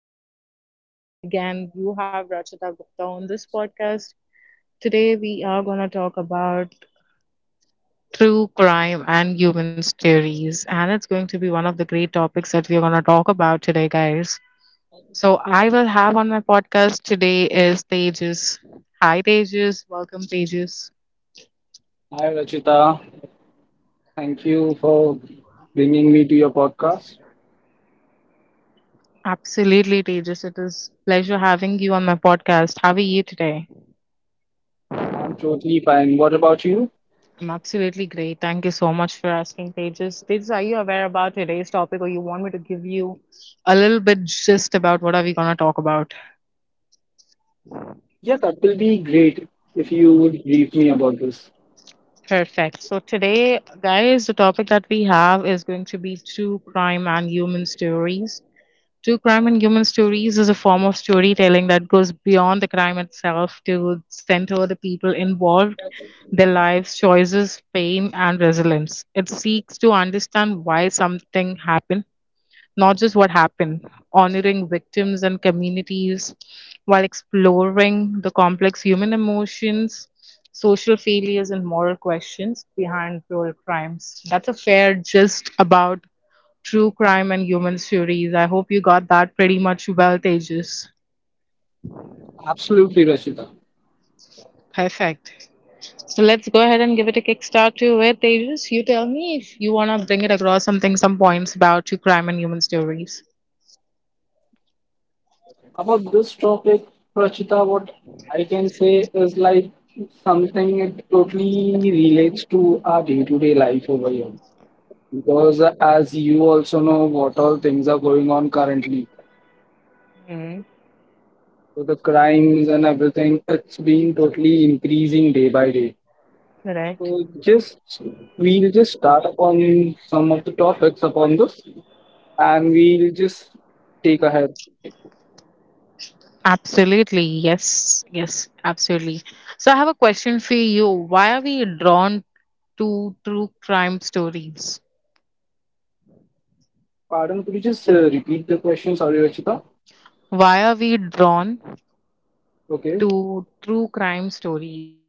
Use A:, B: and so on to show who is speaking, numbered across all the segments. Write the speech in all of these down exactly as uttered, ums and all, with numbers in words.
A: podcast. And again, you have Rachita Gupta on this podcast. Today, we are going to talk about true crime and human stories. And it's going to be one of the great topics that we are going to talk about today, guys. So, I will have on my podcast today is Tejas. Hi, Tejas. Welcome, Tejas.
B: Hi, Rachita. Thank you for bringing me to your podcast.
A: Absolutely, Tejas. It is pleasure having you on my podcast. How are you today?
B: I'm totally fine. What about you?
A: I'm absolutely great. Thank you so much for asking, Pages. Pages, are you aware about today's topic or you want me to give you a little bit gist about what are we going to talk about?
B: Yeah, that will be great if you would brief me about this.
A: Perfect. So today, guys, the topic that we have is going to be true crime and human stories. True crime and human stories is a form of storytelling that goes beyond the crime itself to center the people involved, their lives, choices, pain, and resilience. It seeks to understand why something happened, not just what happened, honoring victims and communities while exploring the complex human emotions, social failures, and moral questions behind cruel crimes. That's a fair gist about true crime and human stories. I hope you got that pretty much well, Tejas.
B: Absolutely, Rachita.
A: Perfect. So let's go ahead and give it a kickstart to it, Tejas. You tell me if you want to bring it across something, some points about true crime and human stories.
B: About this topic, Rachita, what I can say is like something it totally relates to our day-to-day life over here. Because uh, as you also know, what all things are going on currently.
A: Mm-hmm.
B: So the crimes and everything, it's been totally increasing day by day.
A: Correct.
B: So just we'll just start upon some of the topics upon this, and we'll just take ahead.
A: Absolutely, yes, yes, absolutely. So I have a question for you. Why are we drawn to true crime stories?
B: Pardon, could you just uh, repeat the question? Sorry, Rachita.
A: Why are we drawn
B: Okay.
A: to true crime stories?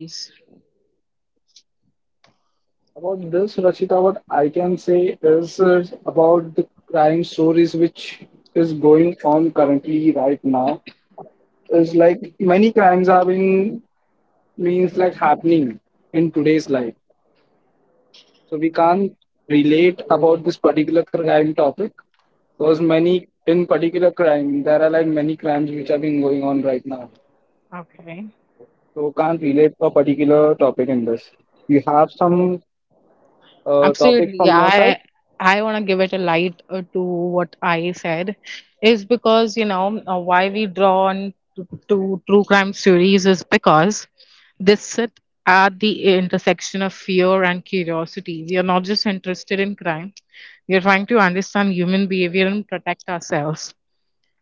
B: About this, Rachita, what I can say is uh, about the crime stories which is going on currently right now is like many crimes are being means like happening in today's life. So we can't relate about this particular crime topic because many in particular crime there are like many crimes which are being going on right now.
A: Okay.
B: So can't relate a particular topic in this. You have some uh, topics
A: Absolutely.
B: from your side?
A: I I want to give it a light uh, to what I said is because, you know, uh, why we drawn to, to true crime series is because they sit at the intersection of fear and curiosity. We are not just interested in crime. We are trying to understand human behavior and protect ourselves.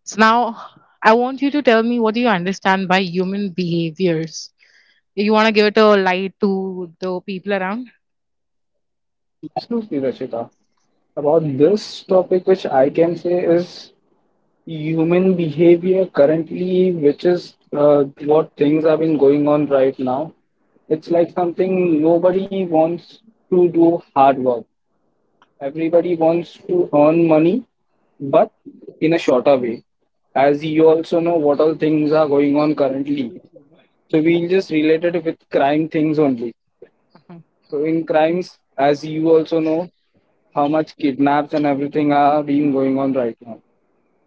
A: So now I want you to tell me what do you understand by human behaviors. You want to give it a light to the people around?
B: Absolutely, Rachita. About this topic, which I can say is human behavior currently, which is uh, what things have been going on right now. It's like something nobody wants to do hard work. Everybody wants to earn money, but in a shorter way. As you also know what all things are going on currently. So we'll just relate it with crime things only. So in crimes, as you also know, how much kidnaps and everything are being going on right now.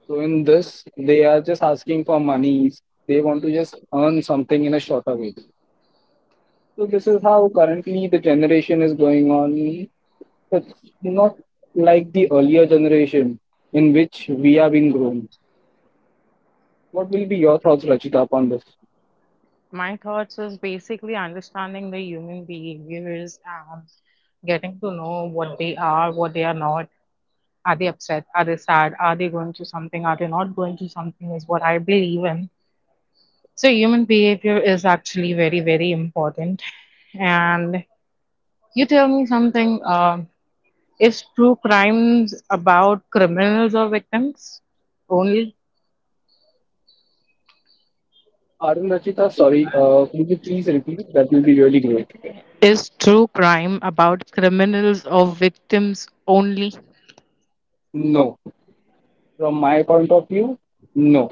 B: So in this, they are just asking for money. They want to just earn something in a shorter way. So this is how currently the generation is going on. It's not like the earlier generation in which we have been grown. What will be your thoughts, Rachita, upon this?
A: My thoughts is basically understanding the human behaviors and getting to know what they are, what they are not. Are they upset? Are they sad? Are they going to something? Are they not going to something? Is what I believe in. So, human behavior is actually very, very important. And you tell me something uh, is true crimes about criminals or victims only?
B: Arun Rachita, sorry, uh, could you please repeat? That will be really great.
A: Is true crime about criminals or victims only?
B: No. From my point of view, no.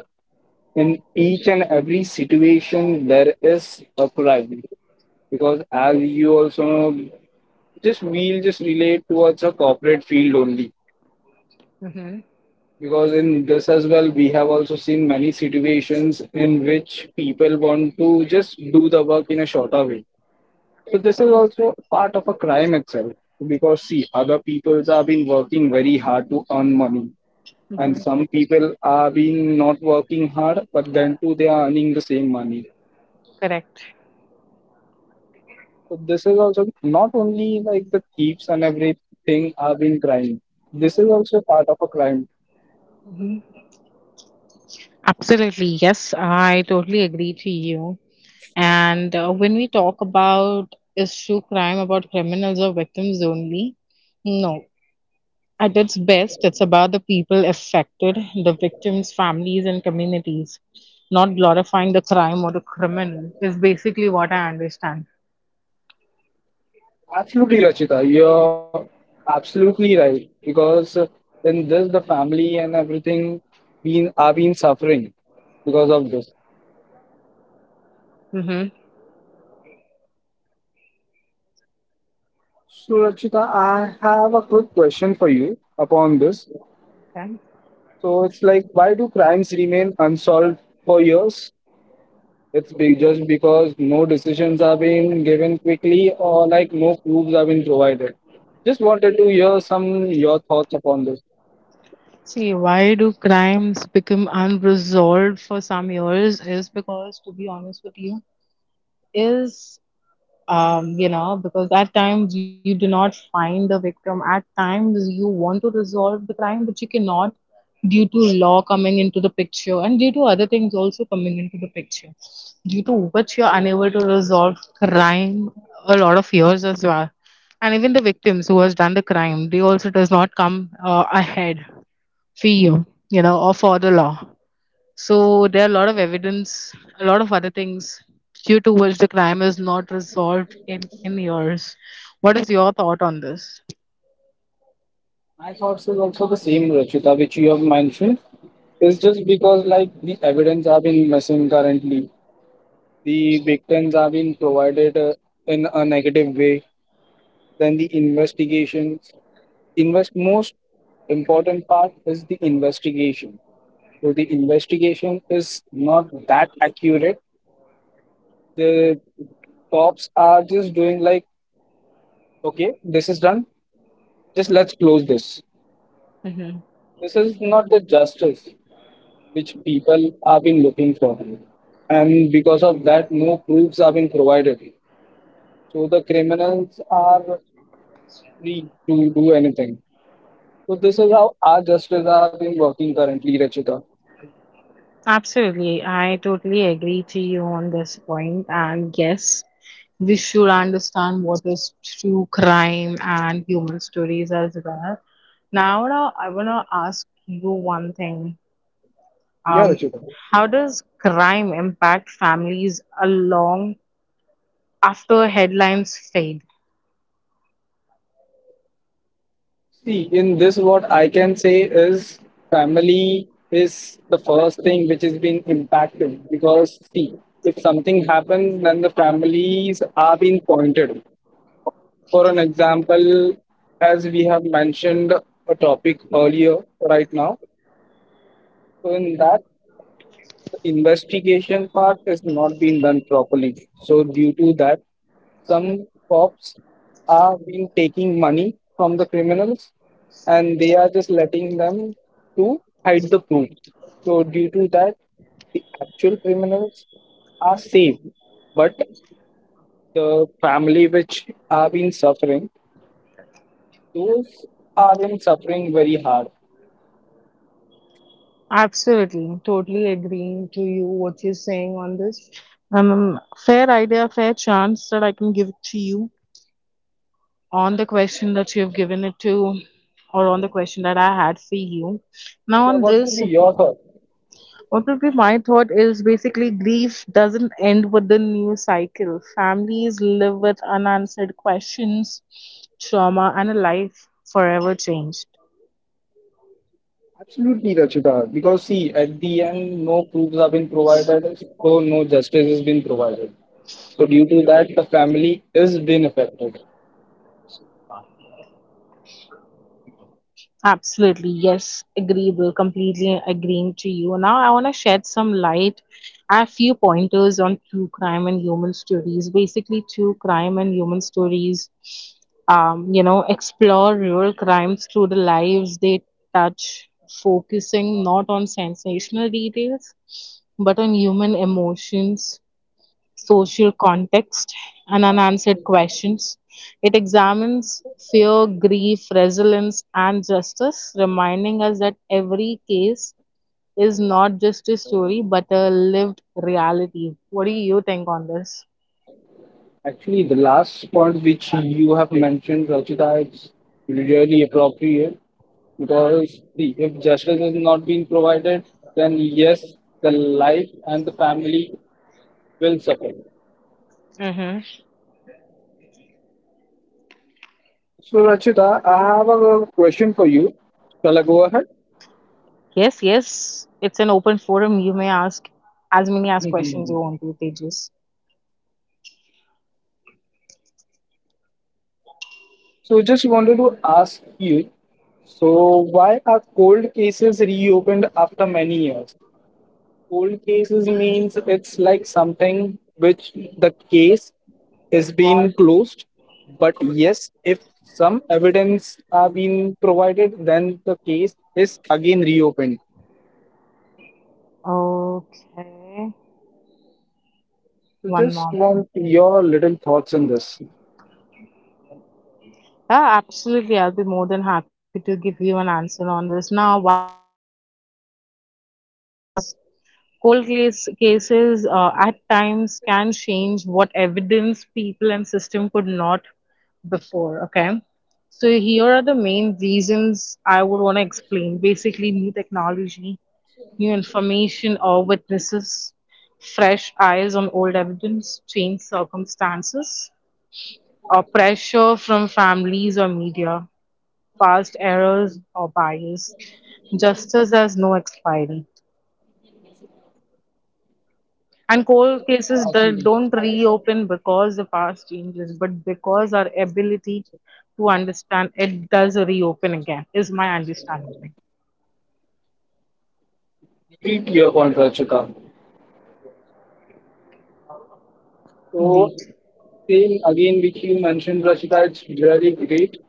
B: In each and every situation, there is a crime. Because as you also know, just we'll just relate towards a corporate field only.
A: hmm
B: Because in this as well, we have also seen many situations in which people want to just do the work in a shorter way. So this is also part of a crime itself. Because see, other peoples have been working very hard to earn money. And some people are been not working hard, but then too they are earning the same money.
A: Correct.
B: So this is also not only like the thieves and everything are being crime. This is also part of a crime.
A: Absolutely, yes, I totally agree to you. And uh, when we talk about is true crime about criminals or victims only? No, at its best, it's about the people affected, the victims, families, and communities. Not glorifying the crime or the criminal is basically what I understand.
B: Absolutely, Rachita. You're absolutely right because in this, the family and everything been are been suffering because of this.
A: hmm
B: So, Rachita, I have a quick question for you upon this.
A: Okay.
B: So, it's like, why do crimes remain unsolved for years? It's be just because no decisions are being given quickly or like no proofs are being provided. Just wanted to hear some your thoughts upon this.
A: See, why do crimes become unresolved for some years? Is because, to be honest with you, is um, you know, because at times you do not find the victim. At times you want to resolve the crime, but you cannot due to law coming into the picture and due to other things also coming into the picture, due to which you're unable to resolve crime a lot of years as well. And even the victims who has done the crime, they also does not come uh, ahead for you, you know, or for the law. So there are a lot of evidence, a lot of other things due to which the crime is not resolved in, in years. What is your thought on this?
B: My thoughts is also the same, Rachita, which you have mentioned. It's just because like the evidence have been missing currently. The victims have been provided uh, in a negative way. Then the investigations, invest most important part is the investigation. So the investigation is not that accurate. The cops are just doing like, okay, this is done. Just let's close this.
A: hmm
B: This is not the justice. which people have been looking for. And because of that, no proofs have been provided. So the criminals are free to do anything. So this is how our justice are being working currently, Rachita.
A: Absolutely. I totally agree to you on this point. And yes, we should understand what is true crime and human stories as well. Now, now I want to ask you one thing.
B: Yeah,
A: Um,
B: Rachita.
A: how does crime impact families along after headlines fade?
B: See, in this, what I can say is family is the first thing which is being impacted because, see, if something happens, then the families are being pointed. For an example, as we have mentioned a topic earlier right now, so in that the investigation part is not being done properly. So due to that, some cops are been taking money from the criminals and they are just letting them to hide the proof. So due to that, the actual criminals are safe, but the family which are been suffering, those are in suffering very hard.
A: Absolutely, totally agreeing to you what you're saying on this. Um, Fair idea, fair chance that I can give it to you on the question that you have given it to, or on the question that I had for you. Now,
B: Yeah,
A: on
B: what will
A: this,
B: be your thought?
A: what would be my thought is basically grief doesn't end with the news cycle. Families live with unanswered questions, trauma, and a life forever changed.
B: Absolutely, Rachita. Because see, at the end, no proofs have been provided, so no justice has been provided. So due to that, the family is being affected.
A: Absolutely, yes, agreeable, completely agreeing to you. Now, I want to shed some light, a few pointers on true crime and human stories. Basically, true crime and human stories, um, you know, explore real crimes through the lives they touch, focusing not on sensational details but on human emotions, social context, and unanswered questions. It examines fear, grief, resilience, and justice, reminding us that every case is not just a story but a lived reality. What do you think on this?
B: Actually, the last point which you have mentioned, Rachita, is really appropriate because see, if justice is not being provided, then yes, the life and the family will suffer.
A: Mm-hmm.
B: So, Rachita, I have a question for you. Shall I go ahead?
A: Yes, yes. It's an open forum. You may ask as many as questions you
B: Mhm.
A: want to, Tejas.
B: So, just wanted to ask you so, why are cold cases reopened after many years? Cold cases means it's like something which the case is being closed, but yes, if some evidence are being provided, then the case is again reopened.
A: Okay.
B: So,
A: One
B: just
A: moment.
B: want your little thoughts on this.
A: Yeah, absolutely. I'll be more than happy to give you an answer on this. Now, why are cold cases reopen again is because cold case cases uh, at times can change what evidence people and system could not before. Okay. So here are the main reasons I would want to explain. Basically, new technology, new information or witnesses, fresh eyes on old evidence, changed circumstances, or pressure from families or media, past errors or bias. Justice has no expiry. And cold cases that
B: Repeat
A: don't reopen because the past changes, but because our ability to understand it does reopen again, is my understanding.
B: your point, Rachita. So
A: Indeed.
B: same again, which you mentioned, Rashida, it's really great.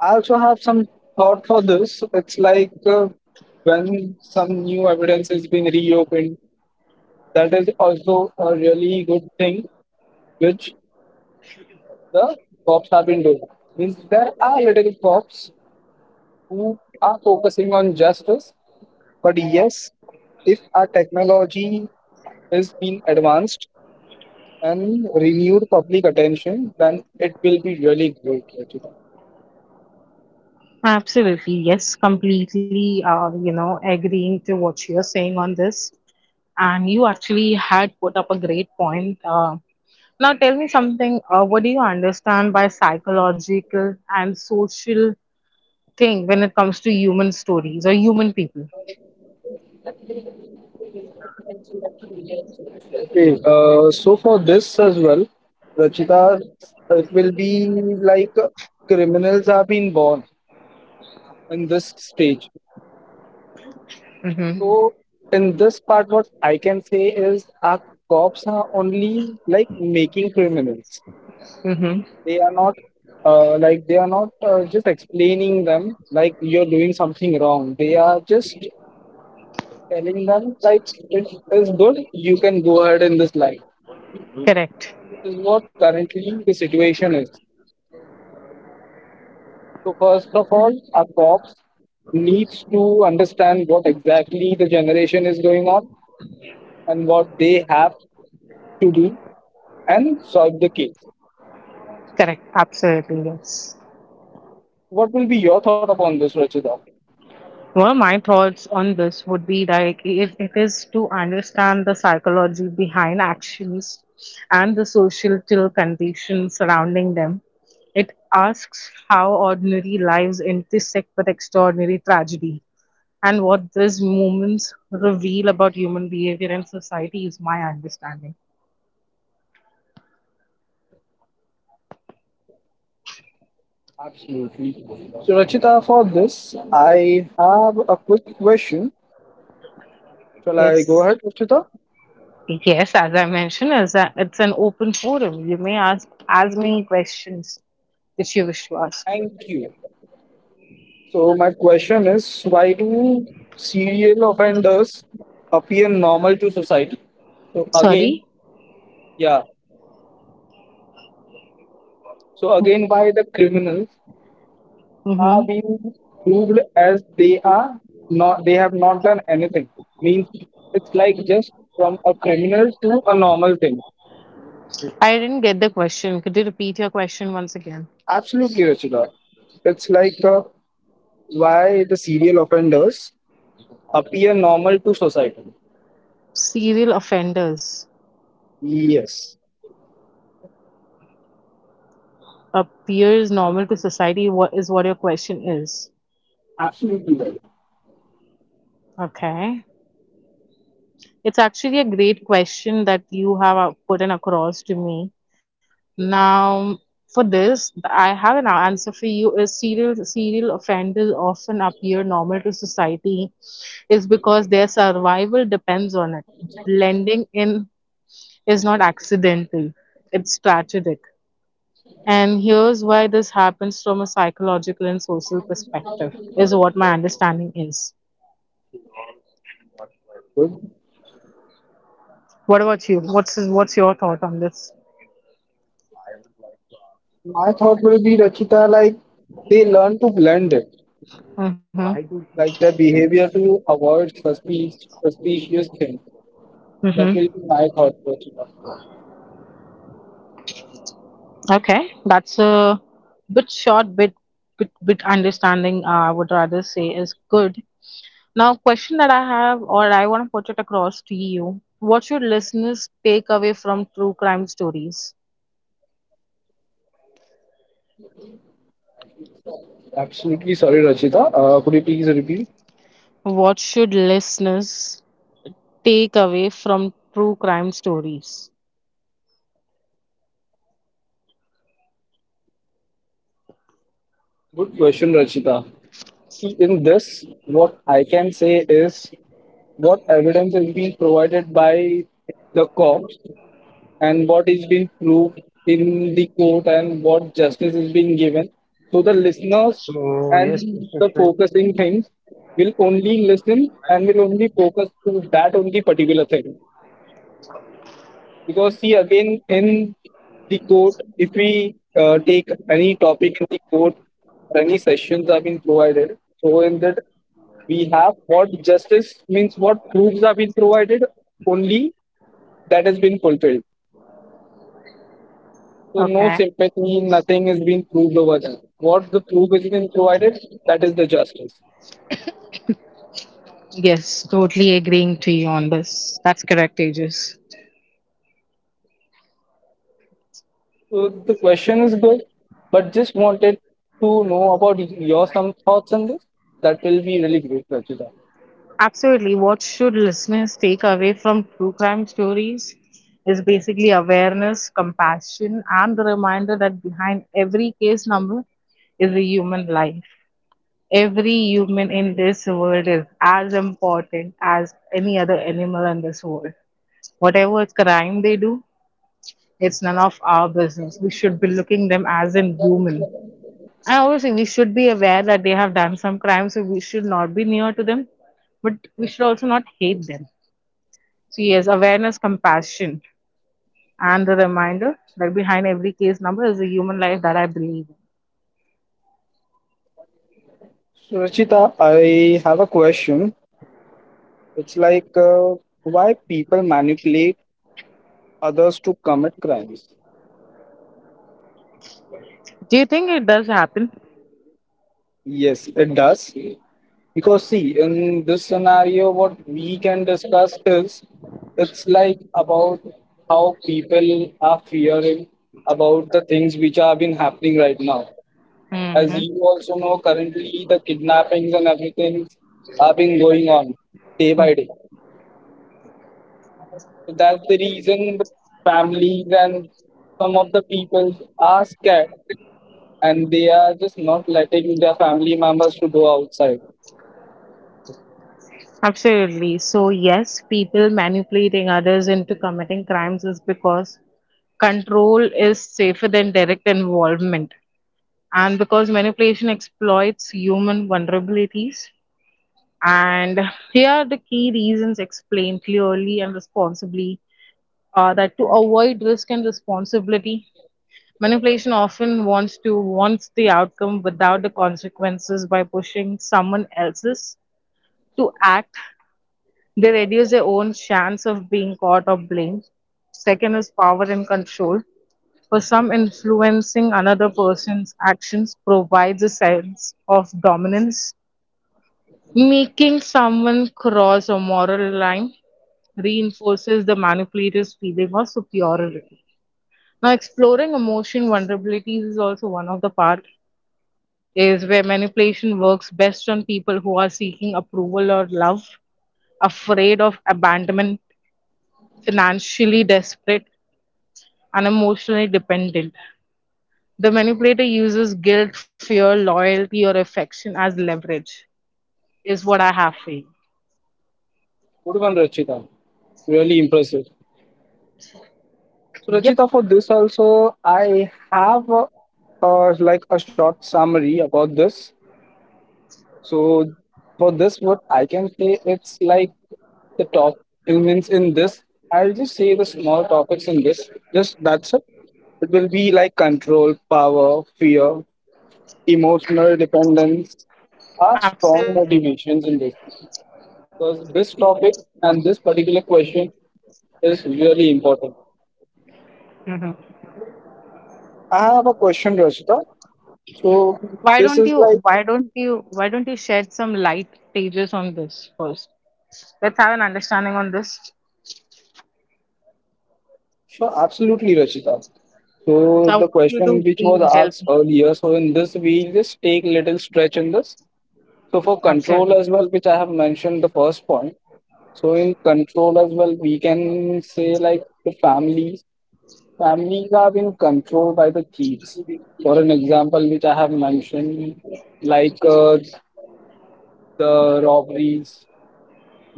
B: I also have some thought for this. It's like uh, when some new evidence is being reopened, that is also a really good thing, which the cops have been doing. Means there are little cops who are focusing on justice, but yes, if our technology is being advanced, and renewed public attention, then it will be really great, Rachita.
A: Absolutely, yes, completely, uh, you know, agreeing to what you're saying on this. And you actually had put up a great point. Uh, now, tell me something. Uh, what do you understand by psychological and social thing when it comes to human stories or human people.
B: Okay, uh, so for this as well, Rachita, it will be like uh, criminals are being born in this stage.
A: Mm-hmm.
B: So in this part, what I can say is our cops are only like making criminals.
A: Mm-hmm.
B: They are not uh, like they are not uh, just explaining them like you're doing something wrong. They are just telling them like it is good, you can go ahead in this line.
A: Correct.
B: This is what currently the situation is. So first of all, our cops needs to understand what exactly the generation is going on and what they have to do and solve the case.
A: Correct. Absolutely. Yes.
B: What will be your thought upon this, Rachita?
A: Well, my thoughts on this would be like it, it is to understand the psychology behind actions and the social conditions surrounding them. It asks how ordinary lives intersect with extraordinary tragedy and what these moments reveal about human behavior and society is my understanding.
B: So Rachita, for this, I have a quick question. Shall I go
A: Yes.
B: ahead, Rachita?
A: Yes, as I mentioned, it's, a, it's an open forum. You may ask as many questions that you wish to ask.
B: Thank you. So my question is, why do serial offenders appear normal to society? So again,
A: Sorry?
B: yeah. So again, why the criminals are
A: Mm-hmm.
B: being proved as they are not, they have not done anything. Means it's like just from a criminal to a normal thing.
A: I didn't get the question. Could you repeat your question once again?
B: Absolutely, Rachita. It's like uh, why the serial offenders appear normal to society.
A: Serial offenders
B: Yes,
A: appears normal to society, what is what your question is.
B: absolutely right.
A: Okay. It's actually a great question that you have uh, put in across to me. Now, for this, I have an answer for you. Is serial serial offenders often appear normal to society, is because their survival depends on it. Blending in is not accidental; it's strategic. And here's why this happens from a psychological and social perspective, is what my understanding is.
B: Good.
A: What about you? What's what's your thought on this?
B: My thought will be Rachita, like they learn to blend it,
A: Mm-hmm.
B: like their behavior to avoid suspicious suspicious things. That
A: Mm-hmm.
B: will be my thought, Rachita.
A: Okay, that's a bit short, bit bit bit understanding. Uh, I would rather say is good. Now, question that I have, or I want to put it across to you: What should listeners take away from true crime stories?
B: Absolutely sorry, Rachita. Uh, could you please repeat?
A: What should listeners take away from true crime stories?
B: Good question, Rachita. See, in this, what I can say is what evidence is being provided by the cops and what is being proved in the court and what justice is being given. So the listeners and the focusing things will only listen and will only focus to that only particular thing. Because see again in the court, if we uh, take any topic in the court, or any sessions are being provided. So in that we have what justice means what proofs have been provided only that has been fulfilled. So no
A: Okay.
B: sympathy, nothing is being proved over there. What the proof is being provided, that is the justice.
A: Yes, totally agreeing to you on this. That's correct, Aegis.
B: So the question is good, but just wanted to know about your some thoughts on this. That will be really great, Rachita.
A: Absolutely. What should listeners take away from true crime stories is basically awareness, compassion, and the reminder that behind every case number is a human life. Every human in this world is as important as any other animal in this world. Whatever crime they do, it's none of our business. We should be looking them as in human. And obviously, we should be aware that they have done some crime, so we should not be near to them, but we should also not hate them, so, yes, awareness, compassion, and the reminder that behind every case number is a human life that I believe in.
B: So Rachita, I have a question. It's like uh, why people manipulate others to commit crimes.
A: Do you think it does happen?
B: Yes, it does. Because see, in this scenario, what we can discuss is it's like about how people are fearing about the things which have been happening right now. As
A: hmm
B: you also know, currently the kidnappings and everything have been going on day by day. So that's the reason the families and some of the people are scared and they are just not letting their family members to go outside.
A: Absolutely. So, yes, people manipulating others into committing crimes is because control is safer than direct involvement. And because manipulation exploits human vulnerabilities. And here are the key reasons explained clearly and responsibly, uh, that to avoid risk and responsibility, manipulation often wants to wants the outcome without the consequences by pushing someone else's to act. They reduce their own chance of being caught or blamed. Second is power and control. For some, influencing another person's actions provides a sense of dominance, making someone cross a moral line reinforces the manipulator's feeling of superiority. Now, exploring emotion vulnerabilities is also one of the part, is where manipulation works best on people who are seeking approval or love, afraid of abandonment, financially desperate, and emotionally dependent. The manipulator uses guilt, fear, loyalty, or affection as leverage, is what I have for you.
B: Good one, Rachita. Really impressive. So,
A: Yep,
B: Rachita, for this also, I have a, uh, like a short summary about this. So, for this, what I can say, it's like the top elements in this. I'll just say the small topics in this. Just that's it. It will be like control, power, fear, emotional dependence, are strong
A: absolutely.
B: motivations in this. Because this topic and this particular question is really important.
A: hmm
B: I have a question, Rachita. So
A: Why don't
B: this
A: you?
B: is like
A: Why don't you? Why don't you shed some light, pages, on this first? Let's have an understanding on this.
B: sure, absolutely, Rachita. So
A: So I
B: the
A: want you
B: question
A: to
B: which was
A: please help
B: asked
A: me.
B: earlier, so in this we just take little stretch in this. So for control
A: Absolutely.
B: as well, which I have mentioned the first point. So in control as well, we can say like the families. Families are being controlled by the thieves. For an example, which I have mentioned, like uh, the robberies,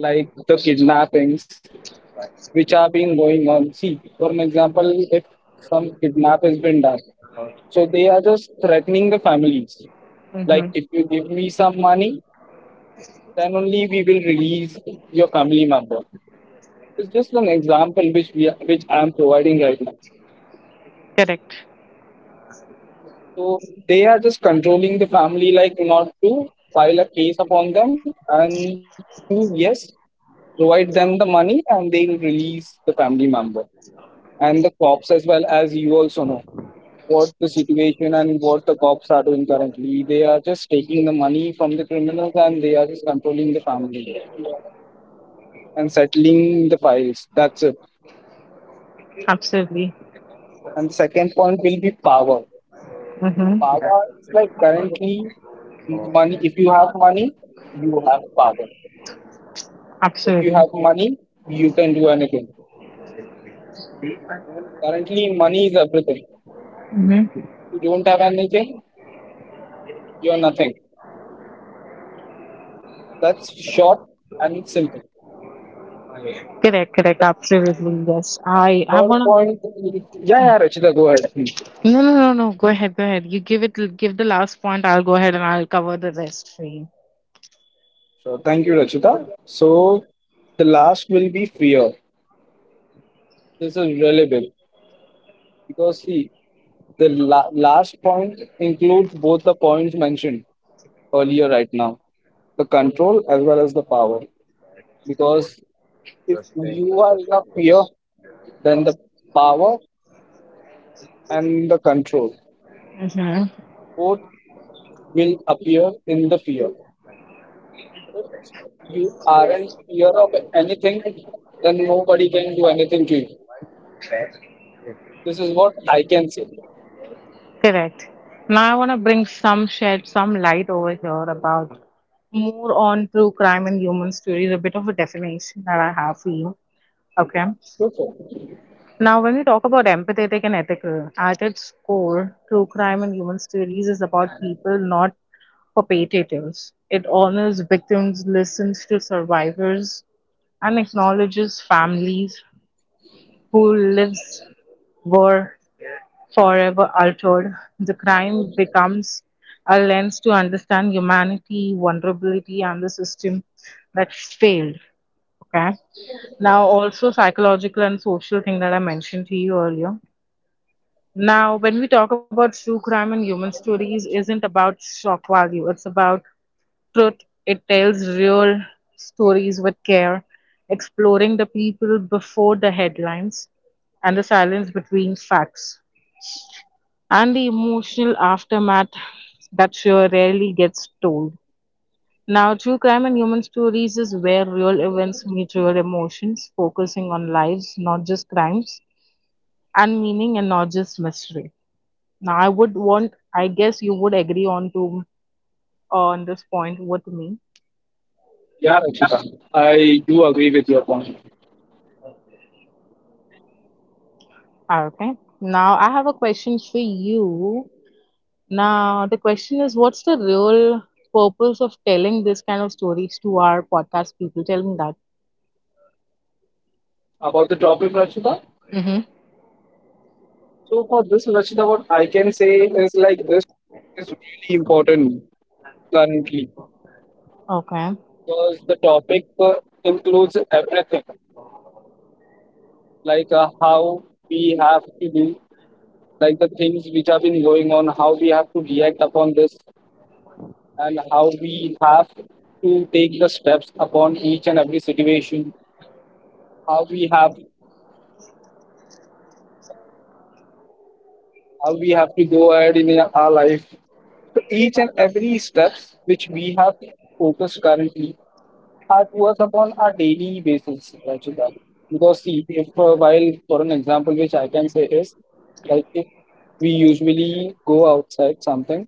B: like the kidnappings, which are being going on. See, for an example, if some kidnap has been done, so they are just threatening the families. Like,
A: hmm
B: if you give me some money, then only we will release your family member. It's just an example which we are, which I am providing right now.
A: Correct.
B: So they are just controlling the family, like not to file a case upon them and to yes, provide them the money and they'll release the family member. And the cops as well, as you also know what the situation and what the cops are doing currently. They are just taking the money from the criminals and they are just controlling the family and settling the files. That's it.
A: Absolutely.
B: And the second point will be power.
A: Mm-hmm.
B: Power is like currently money. If you have money, you have power. If you
A: Absolutely.
B: have money, you can do anything. Currently, money is everything.
A: Mm-hmm.
B: You don't have anything, you're nothing. That's short and simple.
A: Correct. Correct.
B: The
A: Absolutely. Yes. I. I
B: Third
A: wanna.
B: point. Yeah, yeah, Rachita, go ahead. please.
A: No. No. No. No. Go ahead. Go ahead. You give it. Give the last point. I'll go ahead and I'll cover the rest for you.
B: So thank you, Rachita. So the last will be fear. This is really big because see, the la- last point includes both the points mentioned earlier right now, the control as well as the power. Because if you are in a fear, then the power and the control
A: Mm-hmm.
B: both will appear in the fear. you aren't fear of anything, then nobody can do anything to you. This is what I can say.
A: Correct. Now I want to bring some shed, some light over here about more on true crime and human stories. A bit of a definition that I have for you. Okay. Now, when we talk about empathetic and ethical, at its core, true crime and human stories is about people, not perpetrators. It honors victims, listens to survivors, and acknowledges families whose lives were forever altered. The crime becomes a lens to understand humanity, vulnerability, and the system that failed. Okay. Now, also psychological and social thing that I mentioned to you earlier. Now, when we talk about true crime and human stories, isn't about shock value. It's about truth. It tells real stories with care, exploring the people before the headlines and the silence between facts and the emotional aftermath that sure rarely gets told. Now, true crime and human stories is where real events meet real emotions, focusing on lives, not just crimes, and meaning and not just mystery. Now, I would want, I guess you would agree on to on this point with me.
B: Yeah, Rachita, I do agree with your point
A: Okay. Now, I have a question for you. Now, the question is, what's the real purpose of telling this kind of stories to our podcast people? Tell me that.
B: about the topic, Rachita.
A: Mm-hmm.
B: So for this, Rachita, what I can say is like this is really important currently
A: Okay.
B: because the topic uh, includes everything, like uh, how we have to do, like the things which have been going on, how we have to react upon this, and how we have to take the steps upon each and every situation, how we have how we have to go ahead in our life, so each and every steps which we have focused currently are towards upon our daily basis Rachita. Because see if uh, while for an example which I can say is like if we usually go outside something,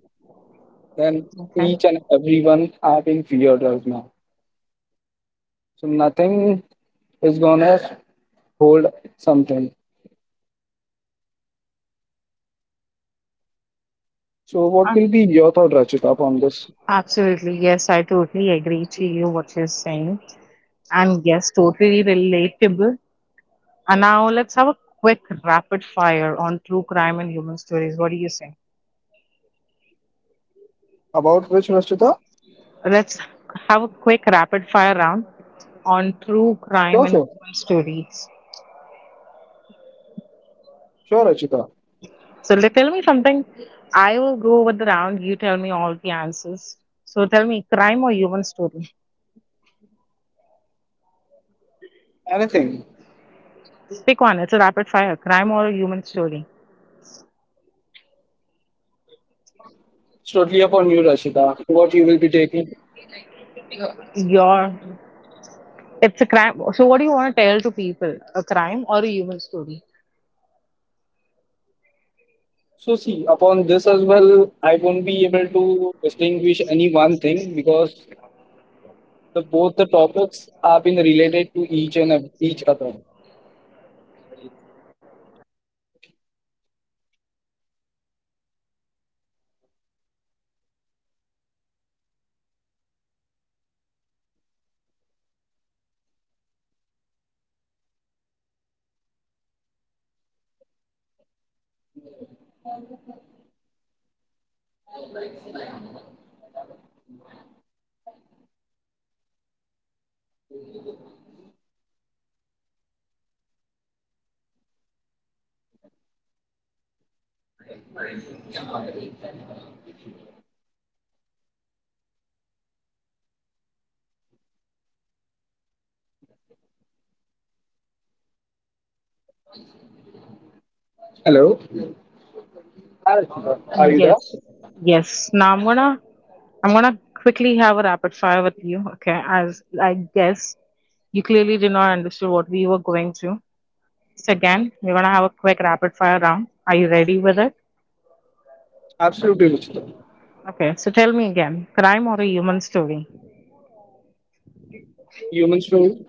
B: then
A: Okay.
B: each and everyone are being feared right now. So nothing is gonna hold something. So what
A: Ab-
B: will be your thought, Rachita, upon this?
A: Absolutely. Yes, I totally agree to you what you're saying. And yes, totally relatable. And now let's have a quick rapid fire on true crime and human stories. What do you say?
B: About which Rachita?
A: Let's have a quick rapid fire round on true crime
B: Sure,
A: and
B: sure.
A: human stories.
B: Sure, Rachita.
A: So let, tell me something. I will go with the round. You tell me all the answers. So tell me, crime or human story?
B: Anything.
A: Pick one. It's a rapid fire. Crime or a human story?
B: It's totally upon you, Rachita, what you will be taking.
A: Your it's a crime. So what do you want to tell to people? A crime or a human story?
B: So see, upon this as well, I won't be able to distinguish any one thing because the both the topics have been related to each and ev- each other. Hello. Hi, Rachita. Are you there?
A: Yes, yes. Now I'm gonna I'm gonna quickly have a rapid fire with you. Okay, as I guess you clearly did not understand what we were going through. So again, we're gonna have a quick rapid fire round. Are you ready with it?
B: Absolutely, Rachita.
A: Okay, so tell me again, crime or a human story?
B: Human story.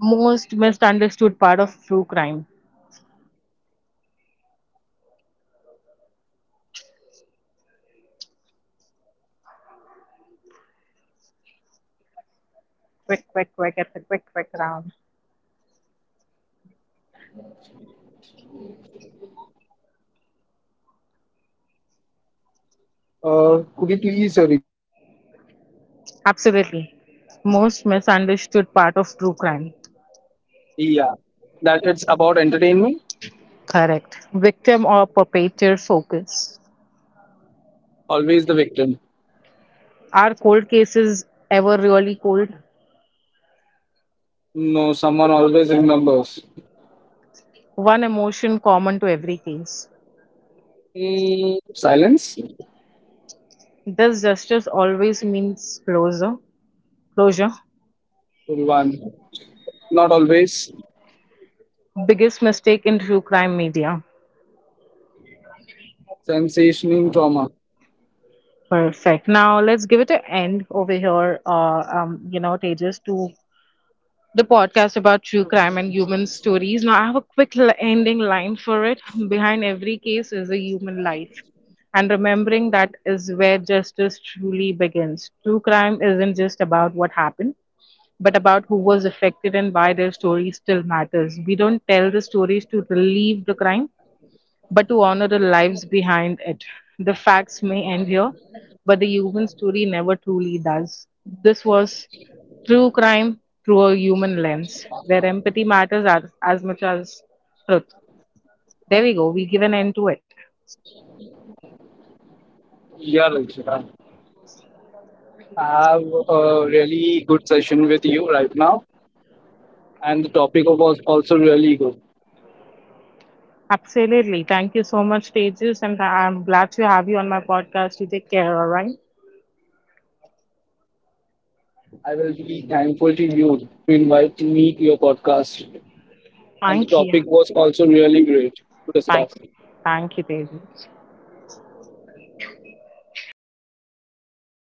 A: Most misunderstood part of true crime. Quick, quick, quick, it's a quick, quick round.
B: Uh, could you please uh, repeat, Rashita? That will be really great.
A: Absolutely. Most misunderstood part of true crime.
B: Yeah, that it's about entertainment.
A: Correct. Victim or perpetrator focus.
B: Always the victim.
A: Are cold cases ever really cold?
B: No, someone always remembers.
A: One emotion common to every case.
B: Mm, silence.
A: Does justice always means closure? Closure.
B: Full One. Not always.
A: Biggest mistake in true crime media.
B: Sensation in trauma.
A: Perfect. Now let's give it an end over here. Uh, um, you know, Tejas, to the podcast about true crime and human stories. Now I have a quick l- ending line for it. Behind every case is a human life, and remembering that is where justice truly begins. True crime isn't just about what happened, but about who was affected and why their story still matters. We don't tell the stories to relieve the crime, but to honor the lives behind it. The facts may end here, but the human story never truly does. This was true crime through a human lens, where empathy matters as, as much as truth. There we go, we give an end to it.
B: Yeah, Rachita. I have a really good session with you right now, and the topic was also really good.
A: Absolutely. Thank you so much, Tejas, and I'm glad to have you on my podcast. You take care, all right?
B: I will be thankful to you to invite me to your podcast, and the
A: Thank you.
B: topic was also really great to
A: Bye.
B: discuss.
A: Thank you, Tejas.
B: Thank you.